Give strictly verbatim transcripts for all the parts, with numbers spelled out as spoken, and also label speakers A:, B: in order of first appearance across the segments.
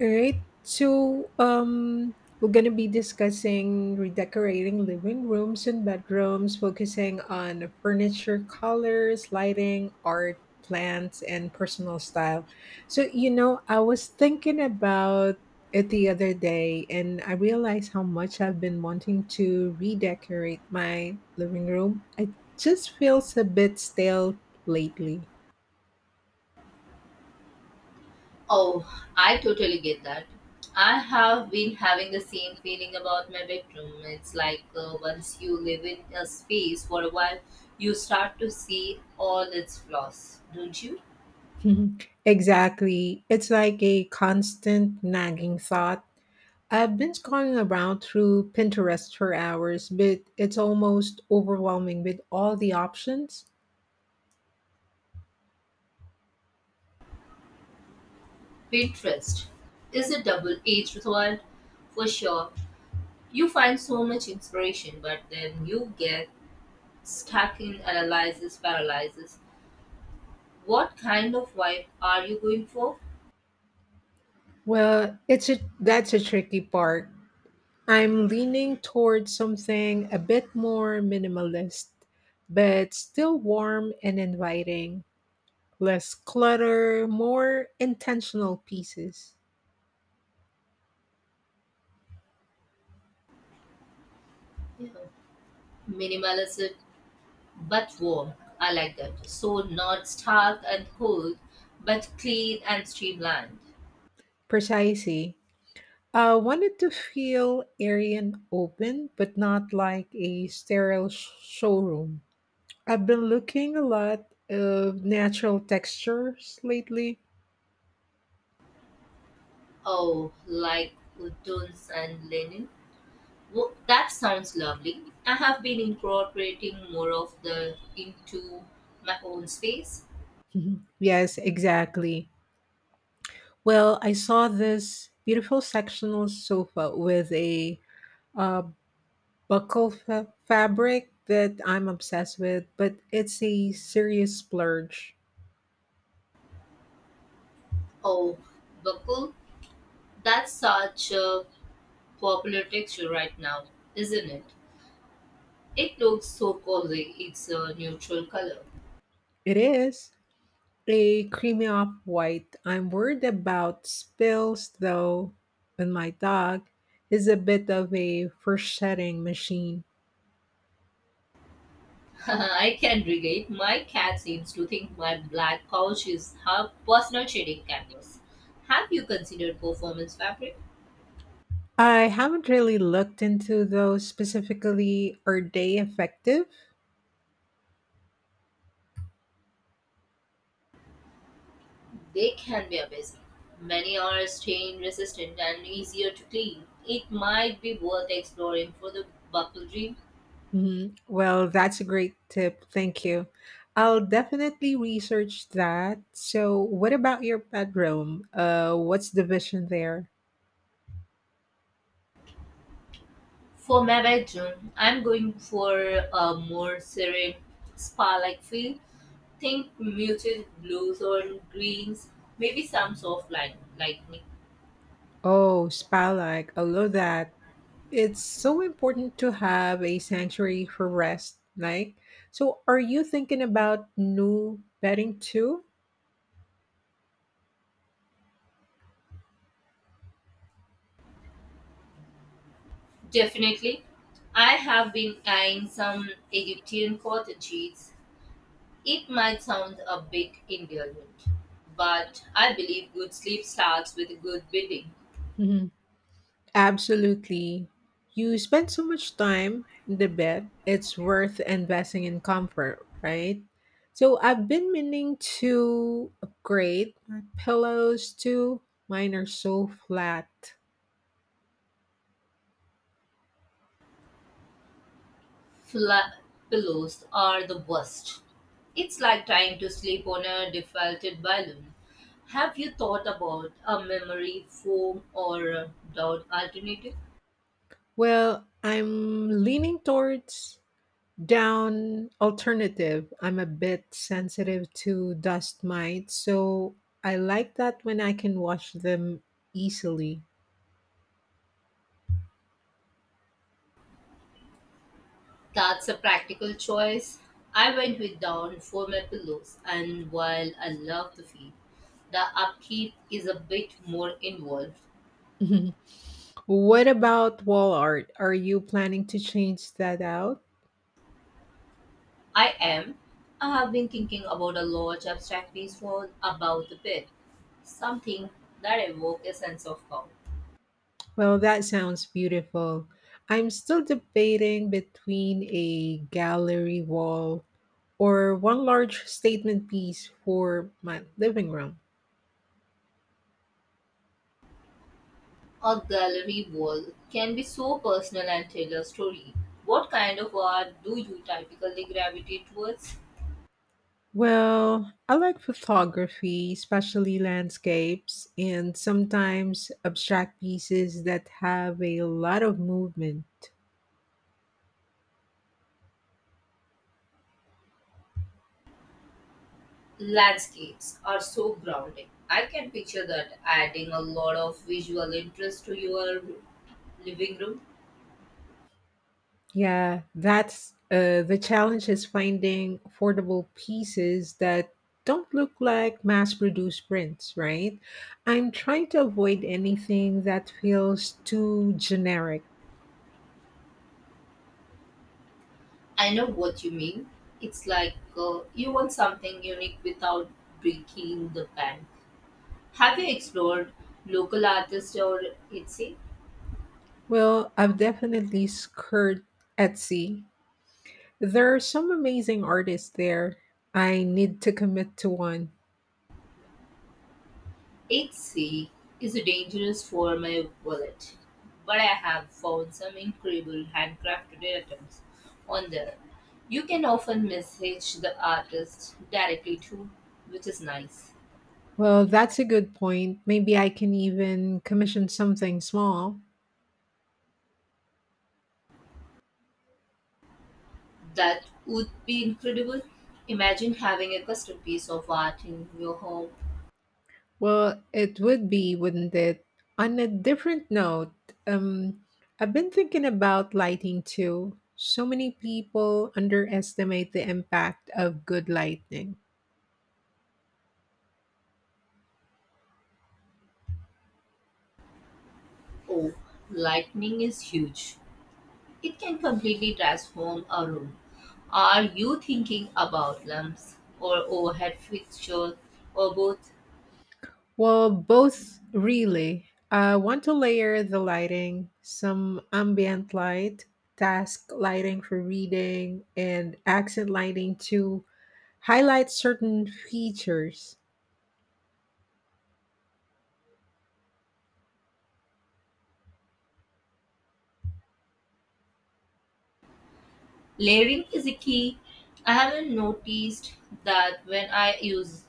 A: All right. So, um, we're going to be discussing redecorating living rooms and bedrooms, focusing on furniture colors, lighting, art, plants, and personal style. So, you know, I was thinking about it the other day and I realized how much I've been wanting to redecorate my living room. It just feels a bit stale lately.
B: Oh, I totally get that. I have been having the same feeling about my bedroom. It's like uh, once you live in a space for a while, you start to see all its flaws, don't you?
A: Mhm. Exactly. It's like a constant nagging thought. I've been scrolling around through Pinterest for hours, but it's almost overwhelming with all the options.
B: Pinterest is a double edged sword for sure. You find so much inspiration, but then you get stuck in analysis paralysis. What kind of vibe are you going for?
A: Well, it's a that's a tricky part. I'm leaning towards something a bit more minimalist, but still warm and inviting. Less clutter, more intentional pieces.
B: Yeah. Minimalism but warm. I like that. So not stark and cold, but clean and streamlined.
A: Precisely. I wanted to feel airy and open, but not like a sterile sh- showroom. I've been looking a lot of natural textures lately.
B: Oh, like woodons and linen. Wo- that sounds lovely. I have been incorporating more of the into my own space.
A: Mhm. Yes, exactly. Well, I saw this beautiful sectional sofa with a uh, buckle fa- fabric that I'm obsessed with, but it's a serious splurge.
B: Oh, buckle. That's such a popular texture right now, isn't it? It looks so cozy. It's a neutral color.
A: It is. A creamy off white. I'm worried about spills though, and my dog is a bit of a setting machine.
B: I can relate. My cat seems to think my black couch is her personal shading canvas. Have you considered performance fabric?
A: I haven't really looked into those specifically. Are they effective?
B: They can be amazing. Many are stain resistant and easier to clean. It might be worth exploring for the buckle dream.
A: Mhm. Well, that's a great tip. Thank you. I'll definitely research that. So, what about your bedroom? Uh, what's the vision there?
B: For my bedroom, I'm going for a more serene spa like feel. Think muted blues or greens, maybe some soft light, lightning.
A: Oh, spa like, I love that. It's so important to have a sanctuary for rest. Like, so are you thinking about new bedding too?
B: Definitely. I have been eyeing some Egyptian cottages. It might sound a bit indulgent, but I believe good sleep starts with good bedding.
A: Mhm. Absolutely. You spend so much time in the bed, it's worth investing in comfort, right? So I've been meaning to upgrade my pillows too. Mine are so flat.
B: Flat pillows are the worst. It's like trying to sleep on a deflated balloon. Have you thought about a memory foam or a down alternative?
A: Well, I'm leaning towards down alternative. I'm a bit sensitive to dust mites, so I like that when I can wash them easily.
B: That's a practical choice. I went with down for my pillows, and while I love the feel, the upkeep is a bit more involved.
A: Mhm. What about wall art? Are you planning to change that out?
B: I am. I have been thinking about a large abstract piece for about the bed, something that evokes a sense of calm.
A: Well, that sounds beautiful. I'm still debating between a gallery wall or one large statement piece for my living room.
B: A gallery wall can be so personal and tell a story. What kind of art do you typically gravitate towards?
A: Well, I like photography, especially landscapes, and sometimes abstract pieces that have a lot of movement.
B: Landscapes are so grounding. I can picture that adding a lot of visual interest to your living room.
A: Yeah, that's uh, the challenge is finding affordable pieces that don't look like mass produced prints, right? I'm trying to avoid anything that feels too generic.
B: I know what you mean. It's like uh, you want something unique without breaking the bank. Have you explored local artists or Etsy?
A: Well, I've definitely skirt Etsy. There are some amazing artists there. I need to commit to one.
B: eight C is dangerous for my wallet, but I have found some incredible handcrafted items on there. You can often message the artist directly too, which is nice.
A: Well, that's a good point. Maybe I can even commission something small.
B: That would be incredible. Imagine having a custom piece of art in your home.
A: Well, it would be, wouldn't it? On a different note, um, I've been thinking about lighting too. So many people underestimate the impact of good lighting.
B: Oh, lightning is huge. It can completely transform a room. Are you thinking about lamps or overhead fixtures or both?
A: Well, both really. I want to layer the lighting, some ambient light, task lighting for reading, and accent lighting to highlight certain features.
B: Layering is a key. I haven't noticed that when I use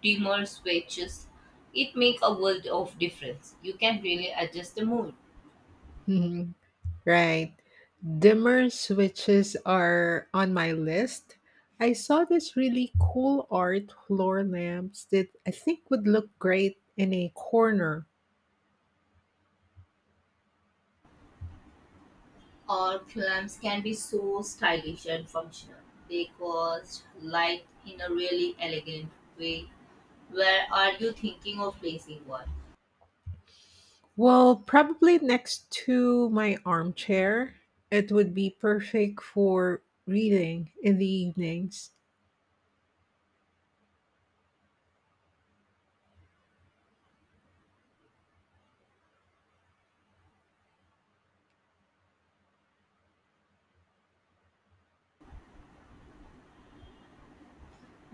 B: dimmer swatches, it makes a world of difference. You can really adjust the mood.
A: Mhm. Right. Dimmer switches are on my list. I saw this really cool art floor lamps that I think would look great in a corner.
B: Or lamps can be so stylish and functional. They cast light in a really elegant way. Where are you thinking of placing one?
A: Well, probably next to my armchair. It would be perfect for reading in the evenings.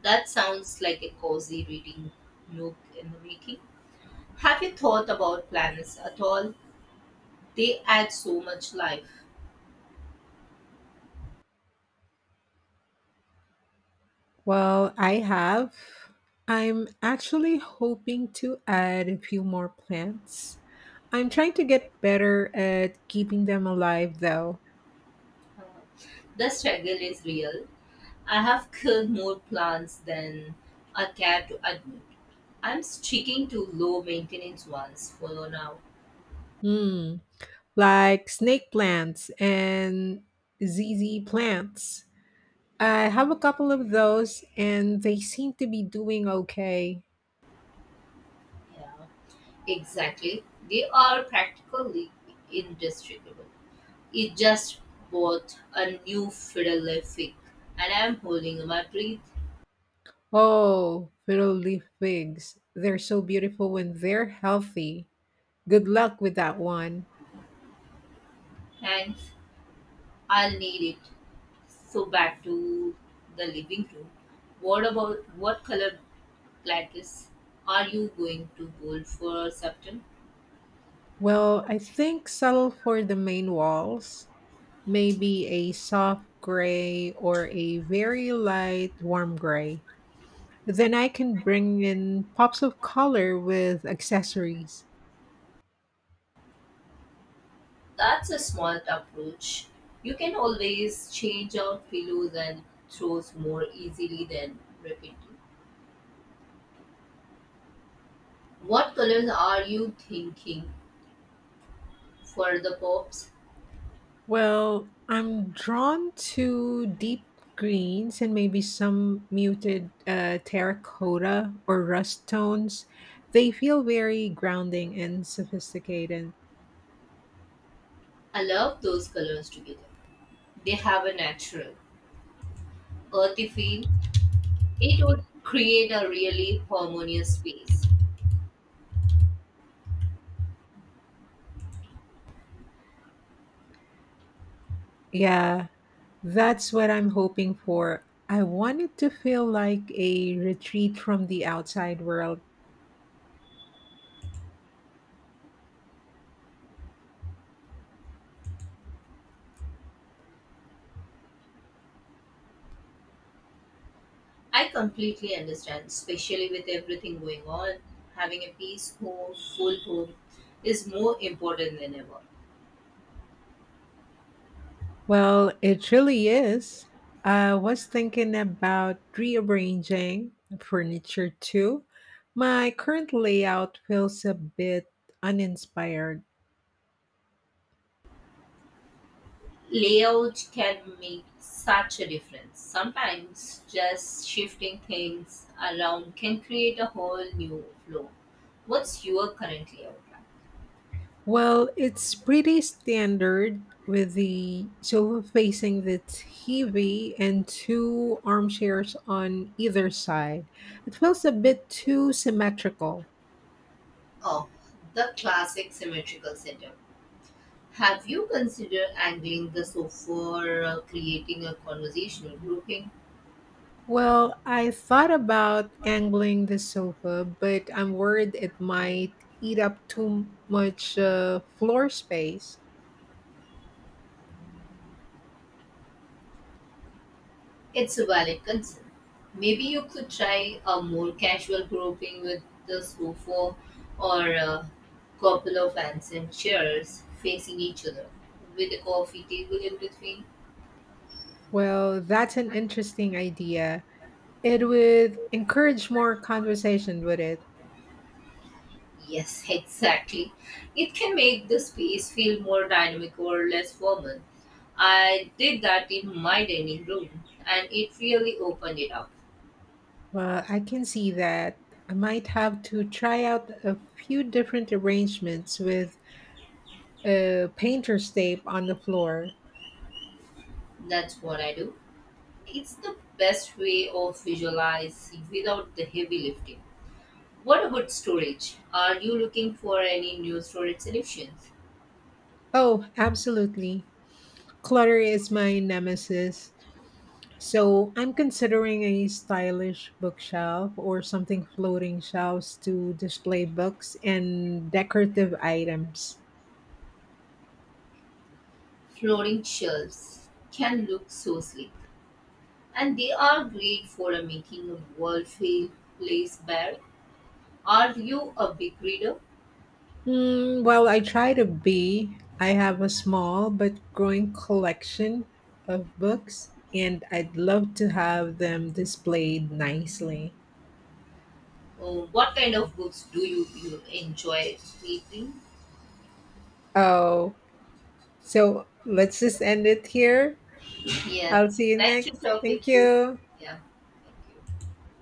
B: That sounds like a cozy reading nook in the making. Have you thought about planets at all? They add so much life.
A: Well, I have. I'm actually hoping to add a few more plants. I'm trying to get better at keeping them alive though.
B: The struggle is real. I have killed more plants than I care to admit. I'm sticking to low maintenance ones for now.
A: Hmm. Like snake plants and Z Z plants. I have a couple of those and they seem to be doing okay.
B: Yeah, exactly. They are practically indestructible. It just bought a new fiddle fig, and I'm holding my breath.
A: Oh, fiddle leaf figs. They're so beautiful when they're healthy. Good luck with that one.
B: Thanks. I'll need it. So back to the living room. What about what color lattice are you going to hold for September?
A: Well, I think settle for the main walls. Maybe a soft gray or a very light warm gray. Then I can bring in pops of color with accessories.
B: That's a smart approach. You can always change out pillows and throws more easily than repeating. What colors are you thinking for the pops?
A: Well, I'm drawn to deep greens and maybe some muted uh, terracotta or rust tones. They feel very grounding and sophisticated.
B: I love those colors together. They have a natural, earthy feel. It would create a really harmonious space.
A: Yeah, that's what I'm hoping for. I want it to feel like a retreat from the outside world.
B: I completely understand, especially with everything going on. Having a peaceful, home, full home is more important than ever.
A: Well, it really is. I was thinking about rearranging furniture too. My current layout feels a bit uninspired.
B: Layout can make such a difference. Sometimes just shifting things around can create a whole new flow. What's your current layout like?
A: Well, it's pretty standard with the sofa facing the T V and two armchairs on either side. It feels a bit too symmetrical.
B: Oh, the classic symmetrical setup. Have you considered angling the sofa or uh, creating a conversational grouping?
A: Well, I thought about angling the sofa, but I'm worried it might eat up too much uh, floor space.
B: It's a valid concern. Maybe you could try a more casual grouping with the sofa or a couple of ancient chairs facing each other with a coffee table in between.
A: Well, that's an interesting idea. It would encourage more conversation, would it?
B: Yes, exactly. It can make the space feel more dynamic or less formal. I did that in my dining room and it really opened it up.
A: Well, I can see that. I might have to try out a few different arrangements with a painter's tape on the floor.
B: That's what I do. It's the best way of visualize without the heavy lifting. What about storage? Are you looking for any new storage solutions?
A: Oh, absolutely. Clutter is my nemesis. So I'm considering a stylish bookshelf or something floating shelves to display books and decorative items.
B: Flooring shelves can look so sleek, and they are great for making a wall feel place bare. Are you a big reader?
A: Mm, well, I try to be. I have a small but growing collection of books, and I'd love to have them displayed nicely.
B: Uh, what kind of books do you, you enjoy reading?
A: Oh, so let's just end it here.
B: Yeah,
A: I'll see you
B: nice to
A: next.
B: talk
A: Thank
B: with you.
A: you.
B: Yeah, thank you.